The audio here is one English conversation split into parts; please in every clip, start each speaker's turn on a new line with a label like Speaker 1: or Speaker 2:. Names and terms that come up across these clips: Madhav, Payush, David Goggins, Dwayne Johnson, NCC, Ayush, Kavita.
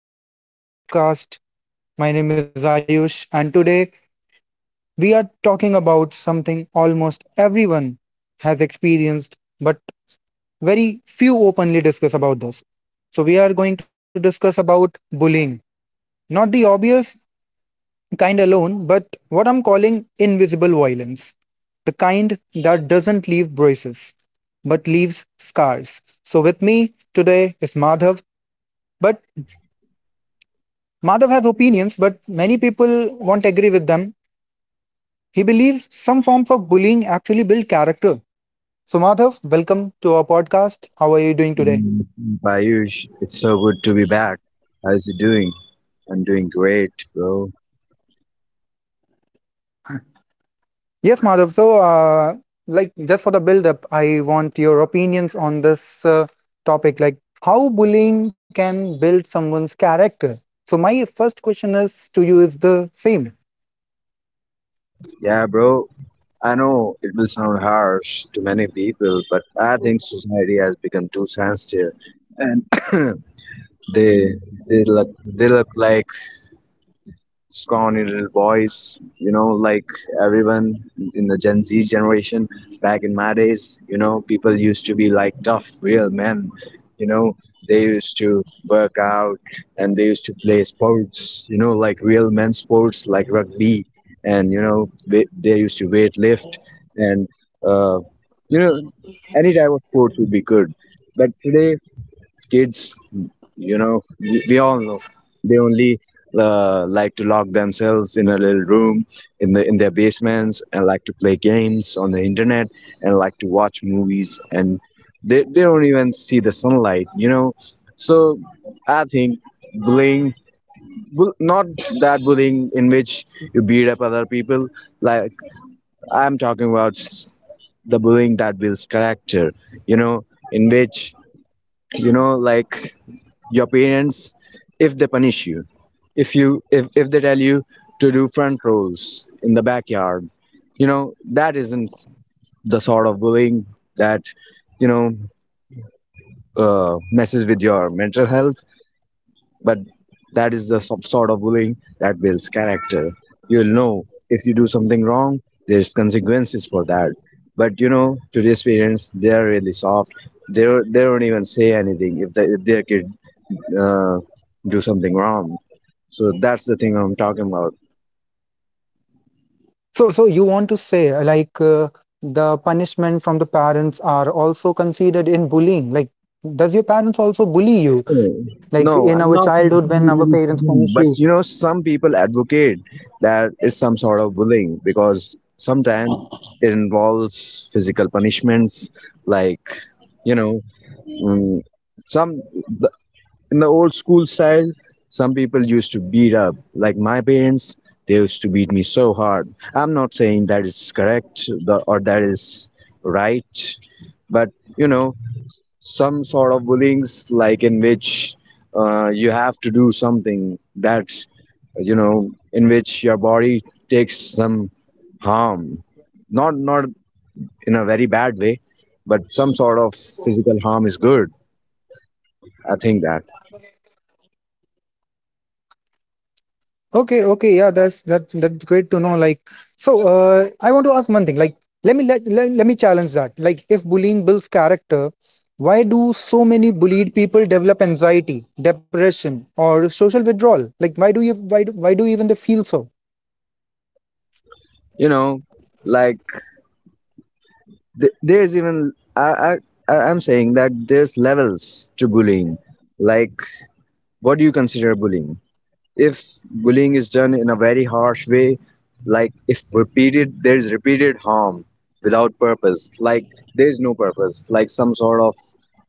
Speaker 1: welcome back to our podcast. My name is Ayush, and today we are talking about something almost everyone has experienced, but very few openly discuss about this. So, we are going to discuss about bullying, not the obvious kind alone, but what I'm calling invisible violence, the kind that doesn't leave bruises but leaves scars. So, with me today is Madhav. But Madhav has opinions, but many people won't agree with them. He believes some forms of bullying actually build character. So, Madhav, welcome to our podcast. How are you doing today?
Speaker 2: Mm, Payush, it's so good to be back. How's you doing? I'm doing great, bro.
Speaker 1: Yes, Madhav. So, like, just for the build up, I want your opinions on this topic, like how bullying can build someone's character. So, my first question is to you is the same.
Speaker 2: Yeah, bro. I know it will sound harsh to many people, but I think society has become too sensitive, and they look like scrawny little boys, you know, like everyone in the Gen Z generation. Back in my days, you know, people used to be like tough, real men, you know. They used to work out and they used to play sports, you know, like real men sports, like rugby, and you know, they used to weight lift, and uh, you know, any type of sports would be good. But today, kids you know, we all know they only like to lock themselves in a little room in their basements and like to play games on the internet and like to watch movies and they don't even see the sunlight. You know, so I think bullying not that bullying in which you beat up other people like I'm talking about s- the bullying that builds character, you know, in which, you know, like your parents, if they punish you, if they tell you to do front rows in the backyard, you know that isn't the sort of bullying that, you know, messes with your mental health, but that is the sort of bullying that builds character. You'll know if you do something wrong there's consequences for that. But you know today's parents they're really soft. They don't even say anything if, they, if their kid uh, do something wrong. So that's the thing I'm talking about.
Speaker 1: So, you want to say like the punishment from the parents are also considered in bullying? Like, does your parents also bully you?
Speaker 2: Oh,
Speaker 1: Like in our
Speaker 2: no, I'm not
Speaker 1: childhood when our
Speaker 2: saying that
Speaker 1: parents
Speaker 2: it's
Speaker 1: punish
Speaker 2: bullying,
Speaker 1: you?
Speaker 2: but you know, some people advocate that it's some sort of bullying because sometimes it involves physical punishments, like, you know, mm, some the, in the old school style, some people used to beat up. Like my parents, they used to beat me so hard. I'm not saying that is correct or that is right, but you know some sort of bullying's like in which you have to do something that, you know, in which your body takes some harm, not in a very bad way, but some sort of physical harm is good, I think that.
Speaker 1: Okay, okay, yeah, that's great to know. Like, so I want to ask one thing. Like, let me challenge that. Like, if bullying builds character, why do so many bullied people develop anxiety, depression, or social withdrawal? Like, why do you why do even they feel so?
Speaker 2: You know, like there's even I'm saying that there's levels to bullying. Like what do you consider bullying? If bullying is done in a very harsh way, like if repeated, there is repeated harm without purpose, like there is no purpose, like some sort of,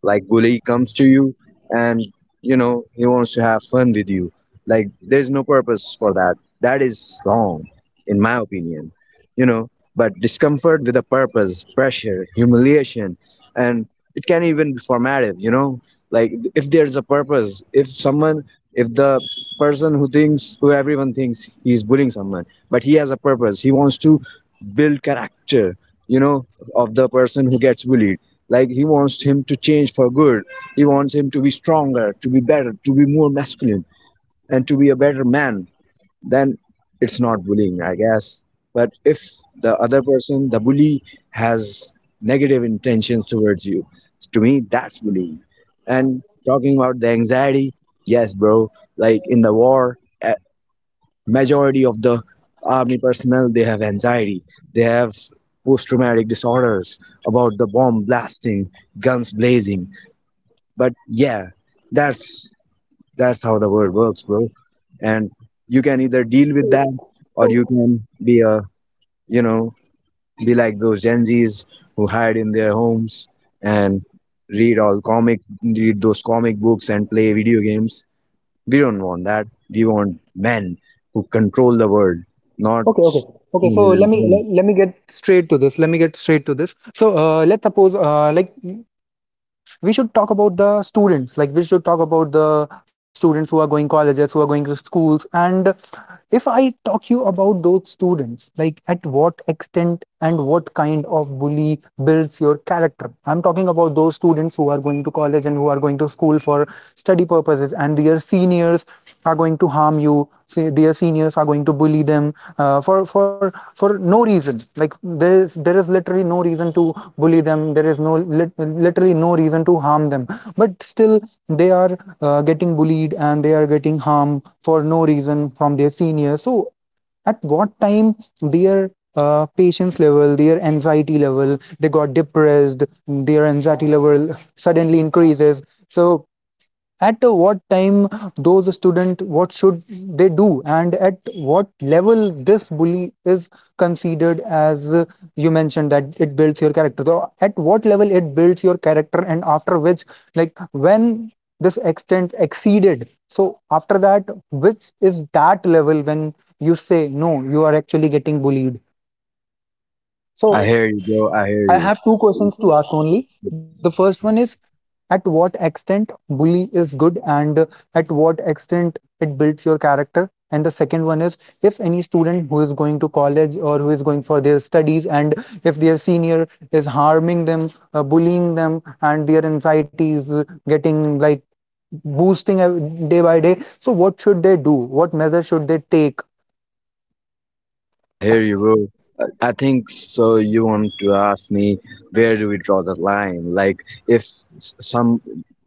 Speaker 2: like bully comes to you and you know he wants to have fun with you, like there is no purpose for that. That is wrong, in my opinion, you know. But discomfort with a purpose, pressure, humiliation, and it can even be formative, you know, like if there's a purpose, if someone, if the person who thinks, who everyone thinks he is bullying someone but he has a purpose, he wants to build character, you know, of the person who gets bullied, like he wants him to change for good, he wants him to be stronger, to be better, to be more masculine, and to be a better man, then it's not bullying, I guess. But if the other person, the bully, has negative intentions towards you, to me that's bullying. And talking about the anxiety, yes bro, like in the war, a- majority of the army personnel, they have anxiety, they have post traumatic disorders about the bomb blasting, guns blazing, but yeah, that's that's how the world works, bro. And you can either deal with that or you can be a, you know, be like those Gen Zs who hide in their homes and read those comic books and play video games. We don't want that. We want men who control the world, not
Speaker 1: Okay, okay, okay.
Speaker 2: tiny
Speaker 1: So
Speaker 2: little
Speaker 1: let me
Speaker 2: boy.
Speaker 1: let, let me get straight to this. Let me get straight to this. So let's suppose like we should talk about the students who are going colleges, who are going to schools. And if I talk you about those students, like at what extent and what kind of bully builds your character? I'm talking about those students who are going to college and who are going to school for study purposes, and their seniors are going to harm you, say their seniors are going to bully them, for no reason. Like there is literally no reason to bully them, there is no literally no reason to harm them, but still they are getting bullied and they are getting harm for no reason from their seniors. So at what time their patience level, their anxiety level suddenly increases. So at what time those student what should they do, and at what level this bully is considered as, you mentioned that it builds your character, so at what level it builds your character, and after which, like when this extent exceeded, so after that, which is that level when you say no, you are actually getting bullied?
Speaker 2: I
Speaker 1: So
Speaker 2: hear you, bro. I hear
Speaker 1: I
Speaker 2: you.
Speaker 1: have two questions to ask only. The first one is, at what extent bully is good and at what extent it builds your character? And the second one is, if any student who is going to college or who is going for their studies, and if their senior is harming them, bullying them, and their anxiety is getting like boosting day by day, so what should they do? What measures should they take?
Speaker 2: I hear you, bro. I think so. You want to ask me, where do we draw the line? Like, if some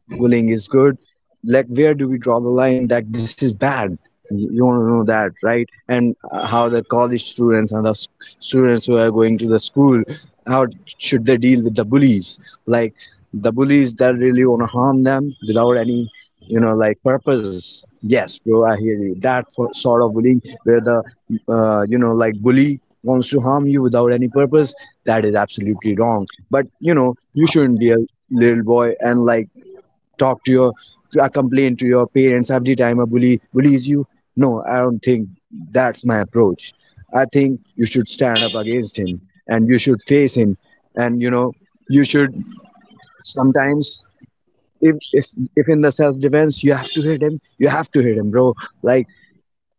Speaker 2: bullying is good, like where do we draw the line that this is bad. You want to know that, right? And how the college students and the students who are going to the school, how should they deal with the bullies, like the bullies that really want to harm them without any, you know, like purpose. Yes bro, I hear you, that for, sort of bullying where the you know, like bully wants to harm you without any purpose, that is absolutely wrong. But you know, you shouldn't be a little boy and like talk to your complain to your parents every time a bully bullies you. No, I don't think, that's my approach. I think you should stand up against him, and you should face him, and you know, you should sometimes, if if in the self defense you have to hit him, you have to hit him, bro. Like,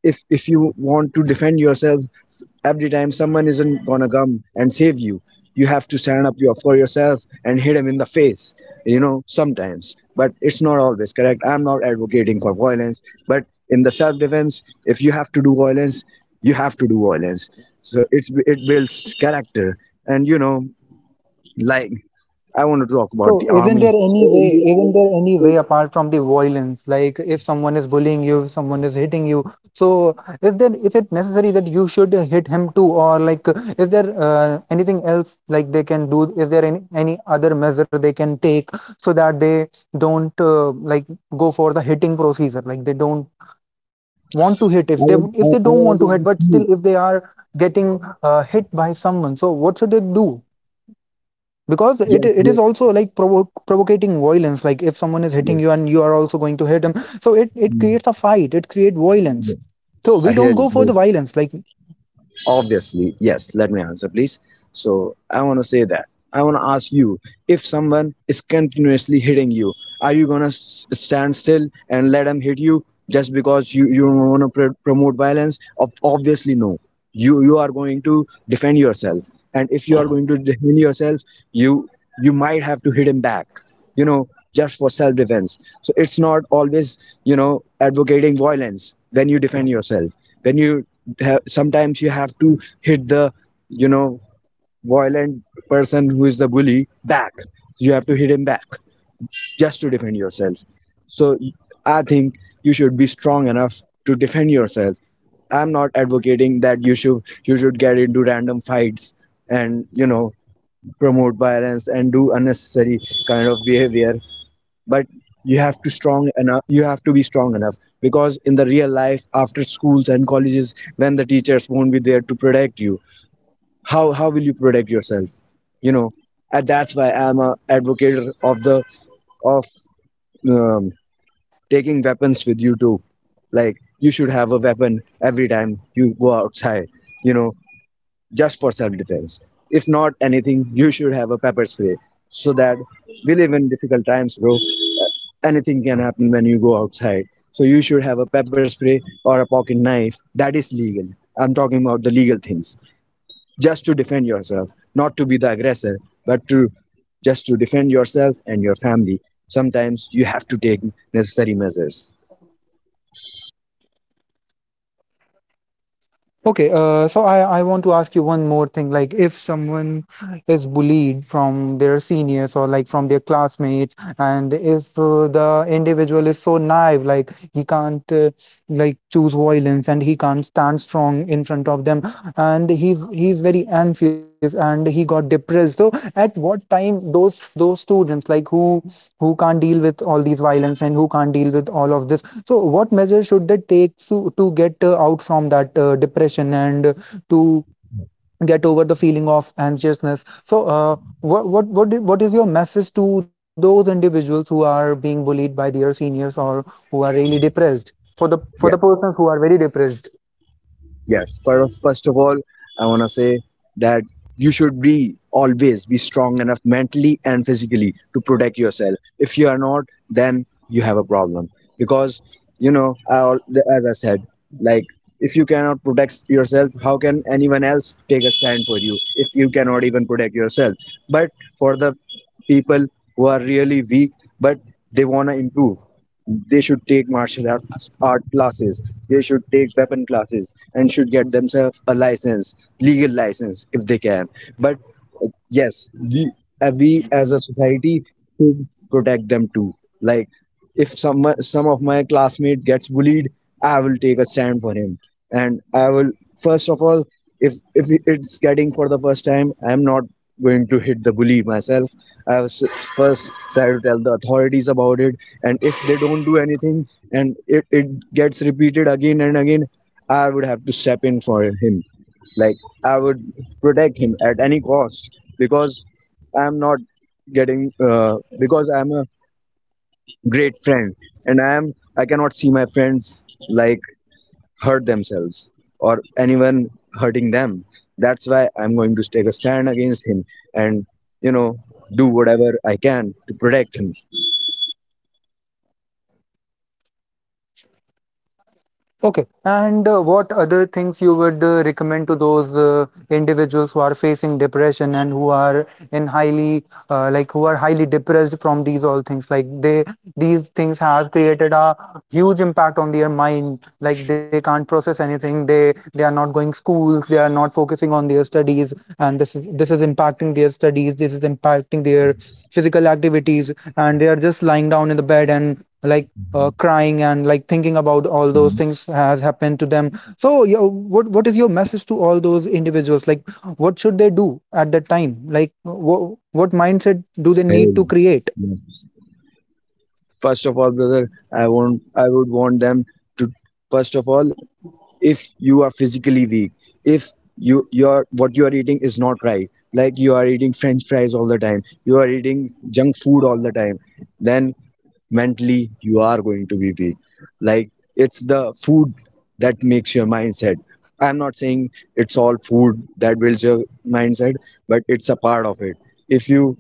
Speaker 2: if you want to defend yourself, every time someone isn't gonna come and save you, you have to stand up your, for yourself and hit him in the face, you know sometimes. But it's not always correct, I'm not advocating for violence, but in the self-defense if you have to do violence, you have to do violence. So it's it builds character. And you know, like I want to talk about the
Speaker 1: So isn't there
Speaker 2: army, so
Speaker 1: any way,
Speaker 2: in the
Speaker 1: isn't
Speaker 2: army,
Speaker 1: there any way
Speaker 2: so
Speaker 1: apart from the violence? Like if someone is bullying you, if someone is hitting you, so is it necessary that you should hit him too, or like is there anything else like they can do? Is there any other measure they can take so that they don't like go for the hitting procedure? Like they don't want to hit if they don't want
Speaker 2: I
Speaker 1: to hit,
Speaker 2: want to
Speaker 1: but
Speaker 2: ask
Speaker 1: still if
Speaker 2: you.
Speaker 1: they are getting hit by someone, so what should they do? Because it
Speaker 2: Yes,
Speaker 1: it is
Speaker 2: yes,
Speaker 1: also like provocating violence, like if someone is hitting
Speaker 2: yes,
Speaker 1: you and you are also going to hit him, so it
Speaker 2: mm,
Speaker 1: creates a fight, it creates violence.
Speaker 2: yes.
Speaker 1: So we
Speaker 2: I
Speaker 1: don't
Speaker 2: hear
Speaker 1: go for
Speaker 2: you.
Speaker 1: the violence, like.
Speaker 2: Obviously, yes. Let me answer, please. So, I want to say that. I want to ask you, if someone is continuously hitting you, are you going to stand still and let them hit you just because you don't want to promote violence? Obviously, no. You are going to defend yourself. And if you are going to defend yourself, you, you might have to hit him back, you know, just for self defense. So it's not always, you know, advocating violence when you defend yourself. When you sometimes you have to hit the, you know, violent person who is the bully back, you have to hit him back, just to defend yourself. So I think you should be strong enough to defend yourself. I'm not advocating that you should get into random fights and, you know, promote violence and do unnecessary kind of behavior, but you have to strong enough you have to be strong enough, because in the real life after schools and colleges when the teachers won't be there to protect you, how will you protect yourself, you know? And that's why I'm a advocate of the of um, taking weapons with you too. Like you should have a weapon every time you go outside, you know, just for self defense. If not anything, you should have a pepper spray, so that, we live in difficult times, bro. Anything can happen when you go outside. So you should have a pepper spray or a pocket knife. That is legal. I'm talking about the legal things. Just to defend yourself, not to be the aggressor, but to just to defend yourself and your family. Sometimes you have to take necessary measures.
Speaker 1: Okay, so I want to ask you one more thing. Like, if someone is bullied from their seniors or like from their classmates, and if the individual is so naive, like he can't like choose violence, and he can't stand strong in front of them, and he's very anxious and he got depressed. So, at what time those students like who can't deal with all these violence and who can't deal with all of this, so what measures should they take to get out from that depression, and to get over the feeling of anxiousness? So, what is your message to those individuals who are being bullied by their seniors, or who are really depressed? For the for
Speaker 2: Yeah.
Speaker 1: the persons who are very depressed.
Speaker 2: Yes, first of all, I want to say that you should be always be strong enough mentally and physically to protect yourself. If you are not, then you have a problem, because you know, as I said, like if you cannot protect yourself, how can anyone else take a stand for you if you cannot even protect yourself? But for the people who are really weak but they want to improve, they should take martial arts art classes, they should take weapon classes and should get themselves a license, legal license if they can. But yes, the, we as a society should protect them too. Like if some of my classmate gets bullied, I will take a stand for him, and I will, first of all, if it's getting for the first time, I'm not going to hit the bully myself. I will first try to tell the authorities about it, and if they don't do anything and it gets repeated again and again, I would have to step in for him. Like, I would protect him at any cost, because I'm not getting uh, because I'm a great friend, and I cannot see my friends like hurt themselves, or anyone hurting them. That's why I'm going to take a stand against him, and you know, do whatever I can to protect him.
Speaker 1: Okay, and what other things you would recommend to those individuals who are facing depression, and who are highly depressed from these all things, like they these things have created a huge impact on their mind, like they can't process anything, they are not going schools, they are not focusing on their studies, and this is impacting their studies, this is impacting their physical activities, and they are just lying down in the bed, and like crying and like thinking about all those
Speaker 2: Mhm.
Speaker 1: things has happened to them. So, yeah, what is your message to all those individuals? Like, what should they do at that time? Like, what mindset do they need
Speaker 2: Hey,
Speaker 1: to create?
Speaker 2: yes. First of all, brother, I would want them to first of all, if you are physically weak, if your what you are eating is not right, like you are eating French fries all the time, you are eating junk food all the time, then mentally you are going to be weak, like it's the food that makes your mindset. I'm not saying it's all food that builds your mindset, but it's a part of it. If you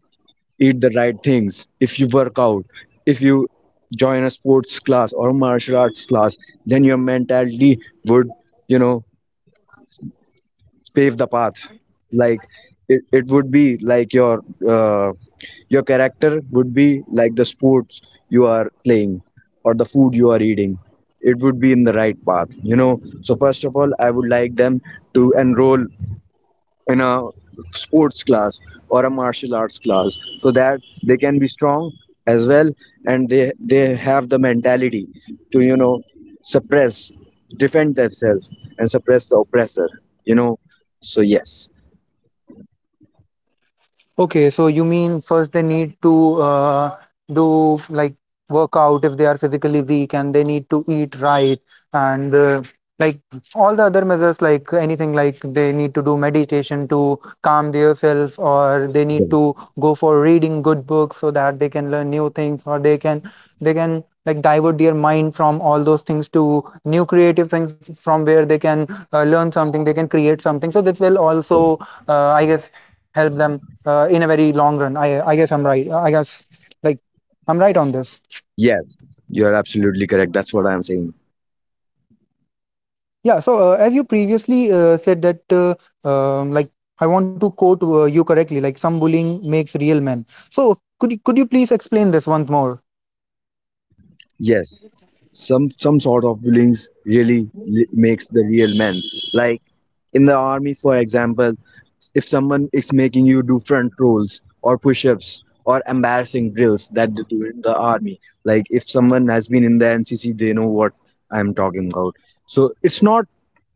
Speaker 2: eat the right things, if you work out, if you join a sports class or martial arts class, then your mentality would, you know, pave the path. Like it would be like uh, your character would be like the sports you are playing or the food you are eating. It would be in the right path. So first of all, I would like them to enroll in a sports class or a martial arts class so that they can be strong as well, and they have the mentality to suppress, defend themselves, and suppress the oppressor you know so yes.
Speaker 1: Okay, so you mean first they need to do like workout if they are physically weak, and they need to eat right, and like all the other measures, like anything like they need to do meditation to calm themselves, or they need to go for reading good books so that they can learn new things, or they can like divert their mind from all those things to new creative things from where they can learn something, they can create something. So this will also, I guess, help them in a very long run. I guess I'm right. I guess like I'm right on this.
Speaker 2: Yes, you are absolutely correct. That's what I'm saying.
Speaker 1: Yeah. So as you previously said that like I want to quote you correctly. Like some bullying makes real men. So could you please explain this once more?
Speaker 2: Yes, some sort of feelings really makes the real man. Like, in the army for example, if someone is making you do front rolls or push-ups or embarrassing drills that they do in the army, like if someone has been in the NCC, they know what I'm talking about. So it's not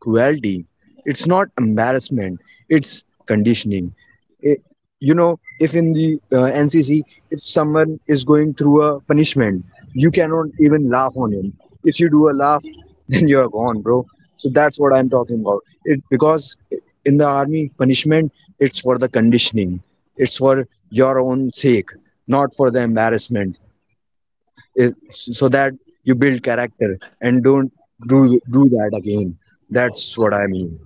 Speaker 2: cruelty, it's not embarrassment, it's conditioning. You know, if in the NCC, if someone is going through a punishment, you cannot even laugh on him. If you do a laugh then you're gone, bro. So that's what I'm talking about. It, because in the army punishment, it's for the conditioning, it's for your own sake, not for the embarrassment. So that you build character and don't do that again. That's what I mean.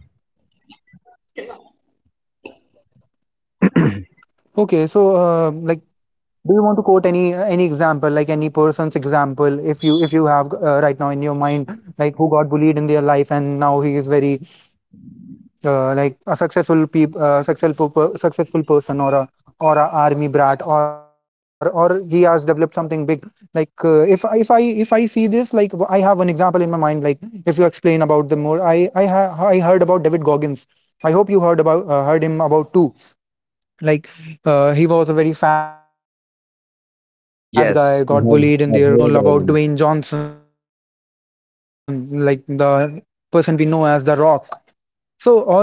Speaker 1: Okay. So like, do you want to quote any example, like any person's example, if you have right now in your mind, like who got bullied in their life and now he is very like a successful person, or a army brat, or he has developed something big. Like if I see this, like I have one example in my mind. Like if you explain about the more, I heard about David Goggins. I hope you heard about heard him about too, like he was a very fat guy, got bullied in their college, and one mo- one more th-
Speaker 2: I've
Speaker 1: one
Speaker 2: heard
Speaker 1: more
Speaker 2: about.
Speaker 1: person I get got to know about Dwayne Johnson, like the person we know as the Rock.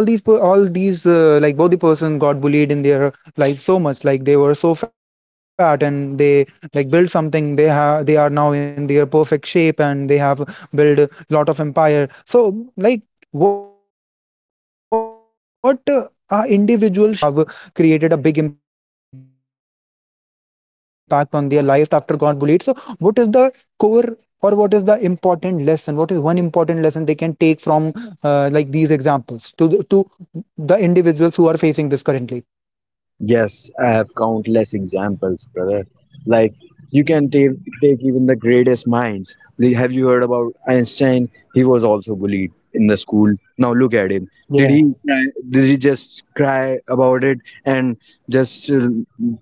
Speaker 1: So all all these like, both the person got bullied in their life so much, like they were so fat, and they like built something, they are now in their perfect shape, and they have built a lot of empire. So like what a individual should learn about these two individuals, or any other individual who have created a big impact on their life after got bullied. So what is the core, or what is the important lesson? What is one important lesson they can take from like these examples, to the individuals who are facing this currently?
Speaker 2: Yes, I have countless examples, brother. Like, you can take even the greatest minds. Like, have you heard about Einstein? He was also bullied in the school. Now look at him. Did he
Speaker 1: Yeah.
Speaker 2: just cry about it and just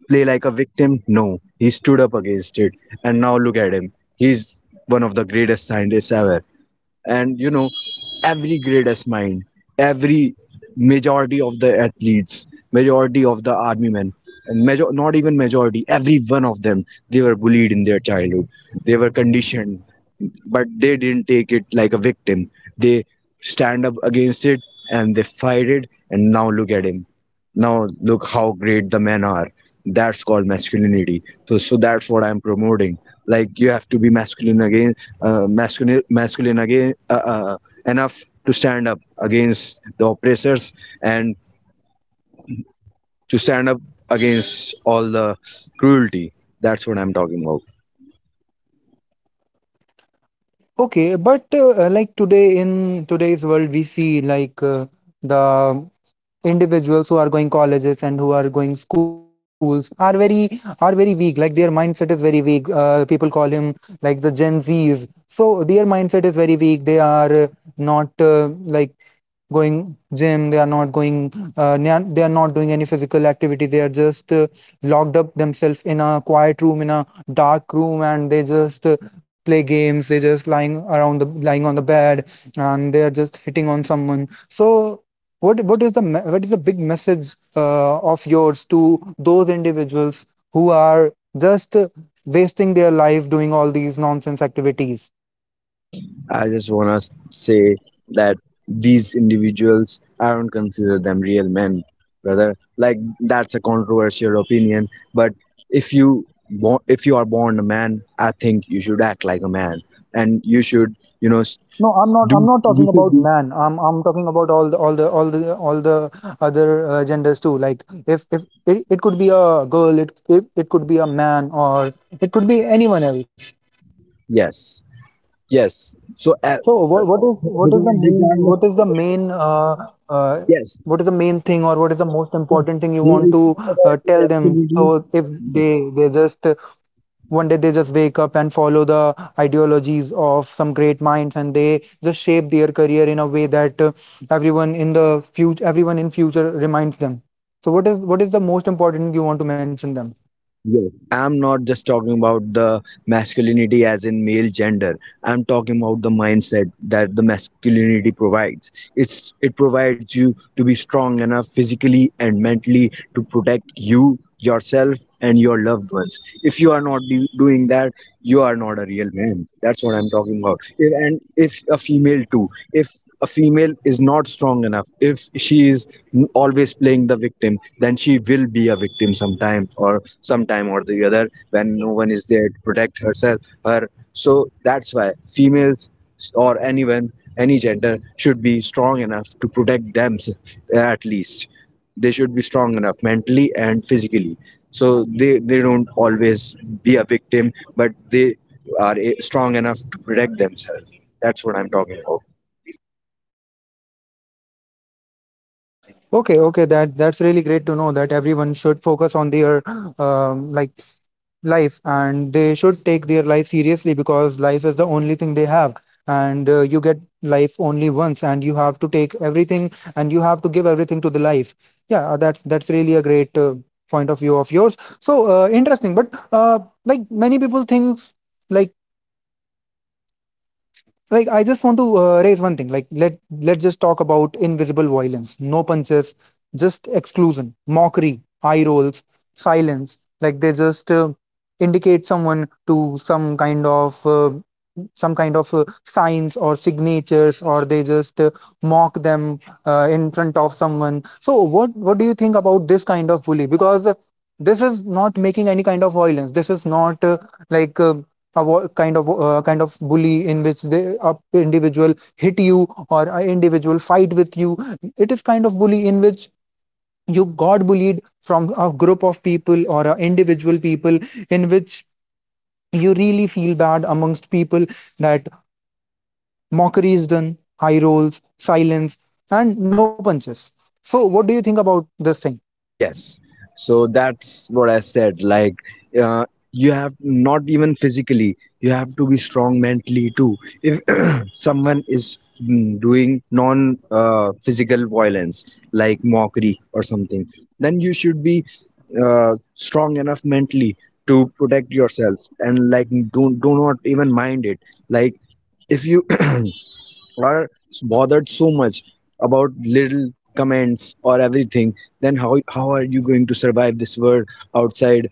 Speaker 2: play like a victim? No, he stood up against it, and now look at him. He's one of the greatest scientists ever. And you know, every greatest mind, every majority of the athletes, majority of the army men, and major, not even majority, every one of them, they were bullied in their childhood, they were conditioned, but they didn't take it like a victim. They stand up against it and they fight it, and now look at him. Now look how great the men are. That's called masculinity. So that's what I'm promoting. Like, you have to be masculine again. Masculine again, enough to stand up against the oppressors, and to stand up against all the cruelty. That's what I'm talking about.
Speaker 1: Okay, but like today, in today's world, we see, like, the individuals who are going colleges and who are going schools are very, weak, like their mindset is very weak, people call him like the Gen Z's, so their mindset is very weak, they are not like going gym, they are not going they are not doing any physical activity, they are just locked up themselves in a quiet room, in a dark room, and they just play games, they just lying on the bed, and they are just hitting on someone. So what is the big message of yours to those individuals who are just wasting their life doing all these nonsense activities?
Speaker 2: I just want to say that these individuals, I don't consider them real men, brother. Like, that's a controversial opinion, but if you are born a man, I think you should act like a man, and you should, you know,
Speaker 1: No, I'm not. I'm
Speaker 2: do
Speaker 1: not
Speaker 2: you
Speaker 1: talking
Speaker 2: should
Speaker 1: about
Speaker 2: be.
Speaker 1: man. I'm talking about all the other genders too. Like if it, it could be a girl, it if it could be a man, or it could be anyone else.
Speaker 2: Yes, yes. So
Speaker 1: So what is the
Speaker 2: regard-
Speaker 1: main
Speaker 2: regardless
Speaker 1: what
Speaker 2: of
Speaker 1: is
Speaker 2: the.
Speaker 1: the main uh, uh,
Speaker 2: Yes,
Speaker 1: what is the main thing, or what is the most
Speaker 2: yes.
Speaker 1: important thing you
Speaker 2: No,
Speaker 1: want
Speaker 2: it's
Speaker 1: to
Speaker 2: not about the
Speaker 1: tell them?
Speaker 2: masculinity.
Speaker 1: So if
Speaker 2: Yes.
Speaker 1: they just one day they just wake up and follow the ideologies of some great minds, and they just shape their career in a way that everyone in future reminds them. So what is the most important you want to mention them?
Speaker 2: Yes, I'm not just talking about the masculinity as in male gender. I'm talking about the mindset that the masculinity provides. It's, it provides you to be strong enough physically and mentally to protect you, yourself, and your loved ones. If you are not doing that, you are not a real man. That's what I'm talking about. If, and if a female too, if a female is not strong enough, if she is always playing the victim, then she will be a victim sometime or sometime or the other, when no one is there to protect herself, her. So that's why females or anyone, any gender, should be strong enough to protect themselves at least. They should be strong enough mentally and physically. So they don't always be a victim, but they are strong enough to protect themselves. That's what I'm talking about.
Speaker 1: Okay, okay, that that's really great to know that everyone should focus on their um, like life, and they should take their life seriously because life is the only thing they have. And you get life only once, and you have to take everything, and you have to give everything to the life. Yeah, that's really a great point of view of yours. So interesting, but many people think, like I just want to raise one thing. Like, let's just talk about invisible violence. No punches, just exclusion, mockery, eye rolls, silence. Like, they just indicate someone to some kind of signs or signatures, or they just mock them in front of someone. So what do you think about this kind of bully? Because this is not making any kind of violence. This is not like a wo- kind of bully in which the a individual hit you or an individual fight with you. It is kind of bully in which you got bullied from a group of people or a individual people, in which you really feel bad amongst people, that mockery is done, high rolls, silence, and no punches. So what do you think about this thing?
Speaker 2: Yes. So that's what I said. Like, you have not even physically, you have to be strong mentally too. If someone is doing non physical violence, like mockery or something, then you should be strong enough mentally to protect yourself and like do not even mind it. Like, if you are bothered so much about little comments or everything, then how are you going to survive this world outside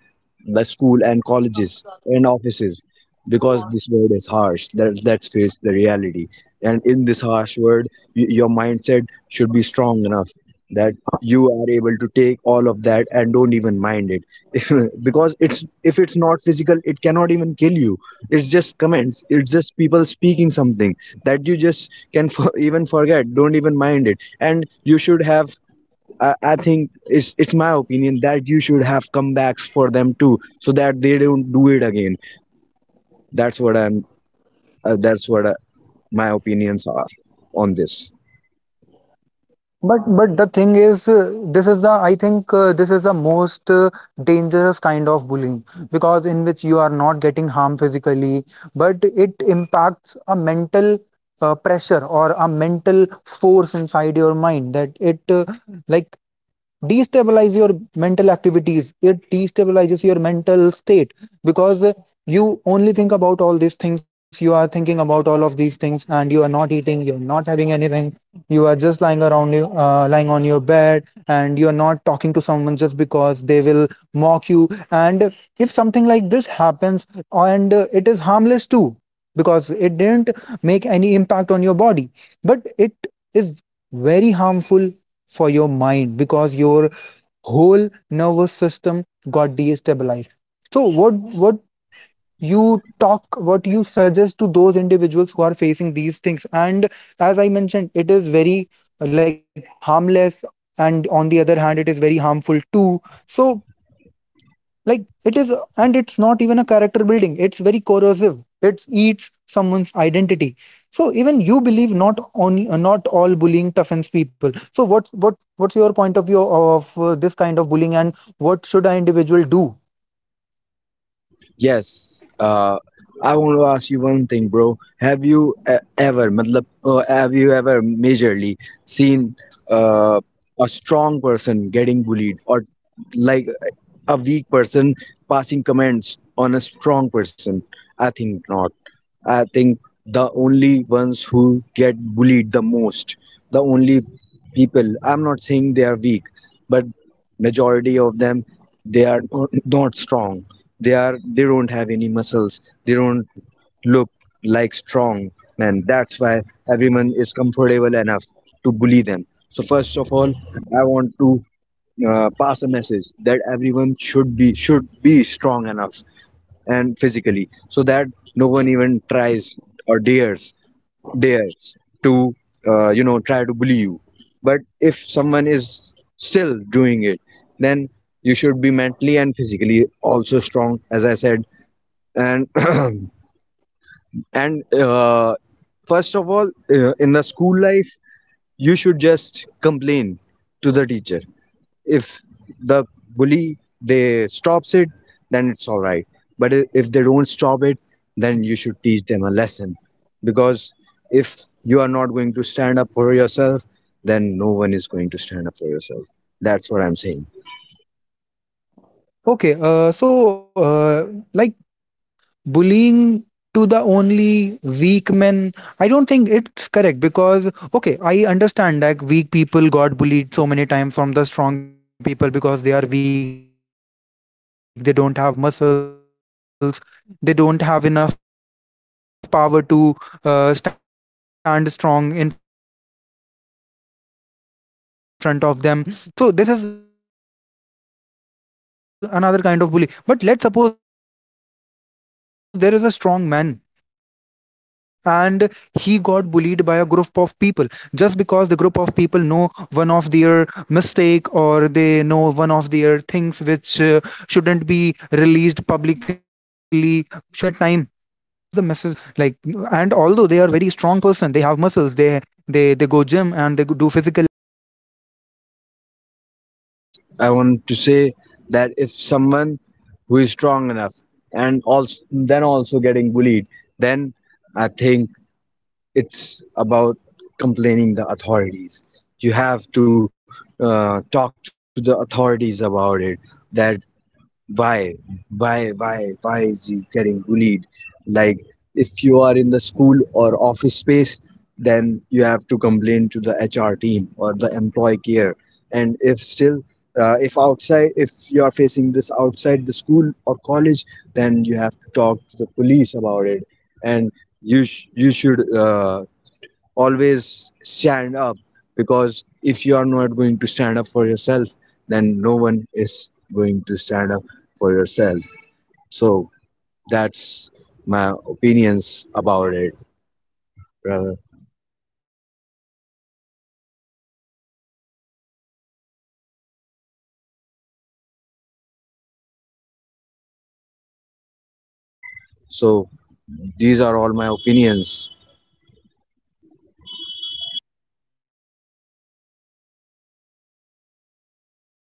Speaker 2: the school and colleges and offices? Because this world is harsh. Let's face the reality, and in this harsh world, your mindset should be strong enough that you are able to take all of that and don't even mind it because it's, if it's not physical, it cannot even kill you. It's just comments, it's just people speaking something that you just can even forget, don't even mind it. And you should have, I think it's my opinion that you should have comebacks for them too, so that they don't do it again. That's what I'm that's what my opinions are on this.
Speaker 1: But the thing is, this is the I think this is the most dangerous kind of bullying, because in which you are not getting harm physically, but it impacts a mental pressure or a mental force inside your mind, that it like destabilize your mental activities, it destabilizes your mental state. Because you are thinking about all of these things, and you are not eating, you're not having anything, you are just lying around, you lying on your bed, and you are not talking to someone just because they will mock you. And if something like this happens, and it is harmless too because it didn't make any impact on your body, but it is very harmful for your mind because your whole nervous system got destabilized. So what you talk, what you suggest to those individuals who are facing these things? And as I mentioned, it is very harmless, and on the other hand, it is very harmful too. So, like, it is, and it's not even a character building, it's very corrosive, it eats someone's identity. So even you believe, not only not all bullying toughens people. So what's your point of view of this kind of bullying, and what should an individual do?
Speaker 2: Yes, I want to ask you one thing, bro. Have you ever, matlab, have you ever majorly seen uh, a strong person getting bullied, or like a weak person passing comments on a strong person? I think not. I think the only ones who get bullied the most, the only people, I'm not saying they are weak, but majority of them, they are not strong. They are, they don't have any muscles. They don't look like strong men. That's why everyone is comfortable enough to bully them. So first of all, I want to pass a message that everyone should be, should be strong enough and physically, so that no one even tries or dares to try to bully you. But if someone is still doing it, then you should be mentally and physically also strong, as I said. And and first of all, in the school life, you should just complain to the teacher. If the bully they stops it, then it's all right. But if they don't stop it, then you should teach them a lesson. Because if you are not going to stand up for yourself, then no one is going to stand up for yourself. That's what I'm saying.
Speaker 1: Okay, uh, like bullying to the only weak men, I don't think it's correct. Because okay, I understand that weak people got bullied so many times from the strong people because they are weak, they don't have muscles, they don't have enough power to stand strong in front of them. So this is another kind of bully. But let's suppose there is a strong man, and he got bullied by a group of people, just because the group of people know one of their mistake, or they know one of their things which shouldn't be released publicly shouldn't have been released publicly, but it got released. And at that time, the strongman is also facing kind of bullying. So, what is the message of yours to those individuals who are facing this kind of bullying? Like, and although they are very strong person, they have muscles, they go gym and they do physical activities, and but their
Speaker 2: Yes,
Speaker 1: mindset is
Speaker 2: I
Speaker 1: not
Speaker 2: want to
Speaker 1: strong
Speaker 2: say
Speaker 1: enough.
Speaker 2: that
Speaker 1: So,
Speaker 2: if
Speaker 1: what is the
Speaker 2: someone
Speaker 1: one
Speaker 2: who is
Speaker 1: message
Speaker 2: strong
Speaker 1: of
Speaker 2: enough
Speaker 1: yours to
Speaker 2: and
Speaker 1: those
Speaker 2: also
Speaker 1: people
Speaker 2: then
Speaker 1: who
Speaker 2: also
Speaker 1: are
Speaker 2: getting
Speaker 1: like
Speaker 2: bullied,
Speaker 1: getting bullied
Speaker 2: then I think
Speaker 1: for the for the for their
Speaker 2: it's
Speaker 1: mistakes
Speaker 2: about
Speaker 1: or for anything like
Speaker 2: complaining the
Speaker 1: that?
Speaker 2: authorities. You have to talk to the authorities about it, that why why is he getting bullied.
Speaker 1: Yeah, Madhav,
Speaker 2: Like, if
Speaker 1: can you
Speaker 2: you
Speaker 1: hear
Speaker 2: are in
Speaker 1: me?
Speaker 2: the school or office space, then you have to complain to the HR team or the employee care.
Speaker 1: Actually, your
Speaker 2: And
Speaker 1: voice
Speaker 2: if
Speaker 1: is not
Speaker 2: still
Speaker 1: audible to me.
Speaker 2: if outside, if you are facing
Speaker 1: I
Speaker 2: this
Speaker 1: think your mic
Speaker 2: outside
Speaker 1: is
Speaker 2: the
Speaker 1: mute.
Speaker 2: school or college, then you have to talk to the police about it. And you should always stand up, because if you are not going to stand up for yourself, then no one is going to stand up for yourself.
Speaker 1: Hello, Madhav. Your mic
Speaker 2: So
Speaker 1: is mute, I guess.
Speaker 2: that's my opinions about it, brother. So these are all my opinions.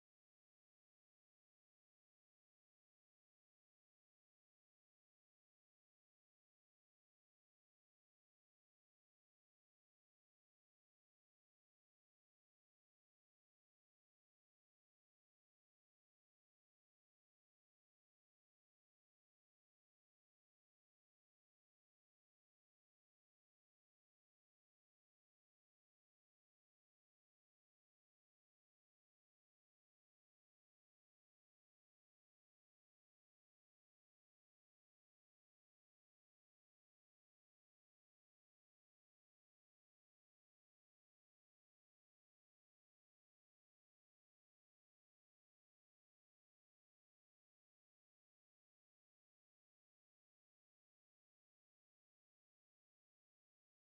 Speaker 1: Okay, okay, Madhav. I guess this is all from our side. And at the last, I want to mention only one thing, that yeah, every kind of bully is bad. Even it doesn't matter if you are strong, if you are weak, but your mindset should be strong. So if you are getting bullied, and if you are getting bullied in front of your no, no matter if you are getting bullied in your school, in your college, or in your office places, your mindset should be strong enough to face all of the consequences, because in life you con you are going to face all of this many times. So just read good books, follow good people, and just hang around with good people. Don't hang around with someone who is not of your genre, who is not compatible to you, and who is not have the same mindset as you do. So hang around with people with same mindset.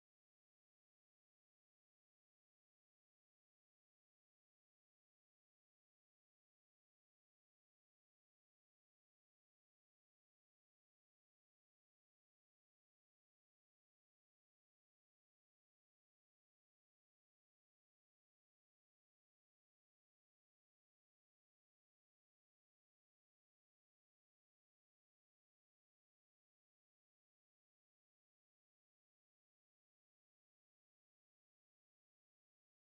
Speaker 1: Yeah, that's all. And build a great mindset, because great mindset build great people. So I'd say strength doesn't require suffering, but healing does require. Okay, so that's all from my side. I'm very thankful to Madhav that he came to our show, and he told us about so many things. He guided us. Yeah. So this was bullying, the invisible violence, not to give answer, but to ask better questions. So that's all from our side. Have a wonderful day to all of you. Bye bye.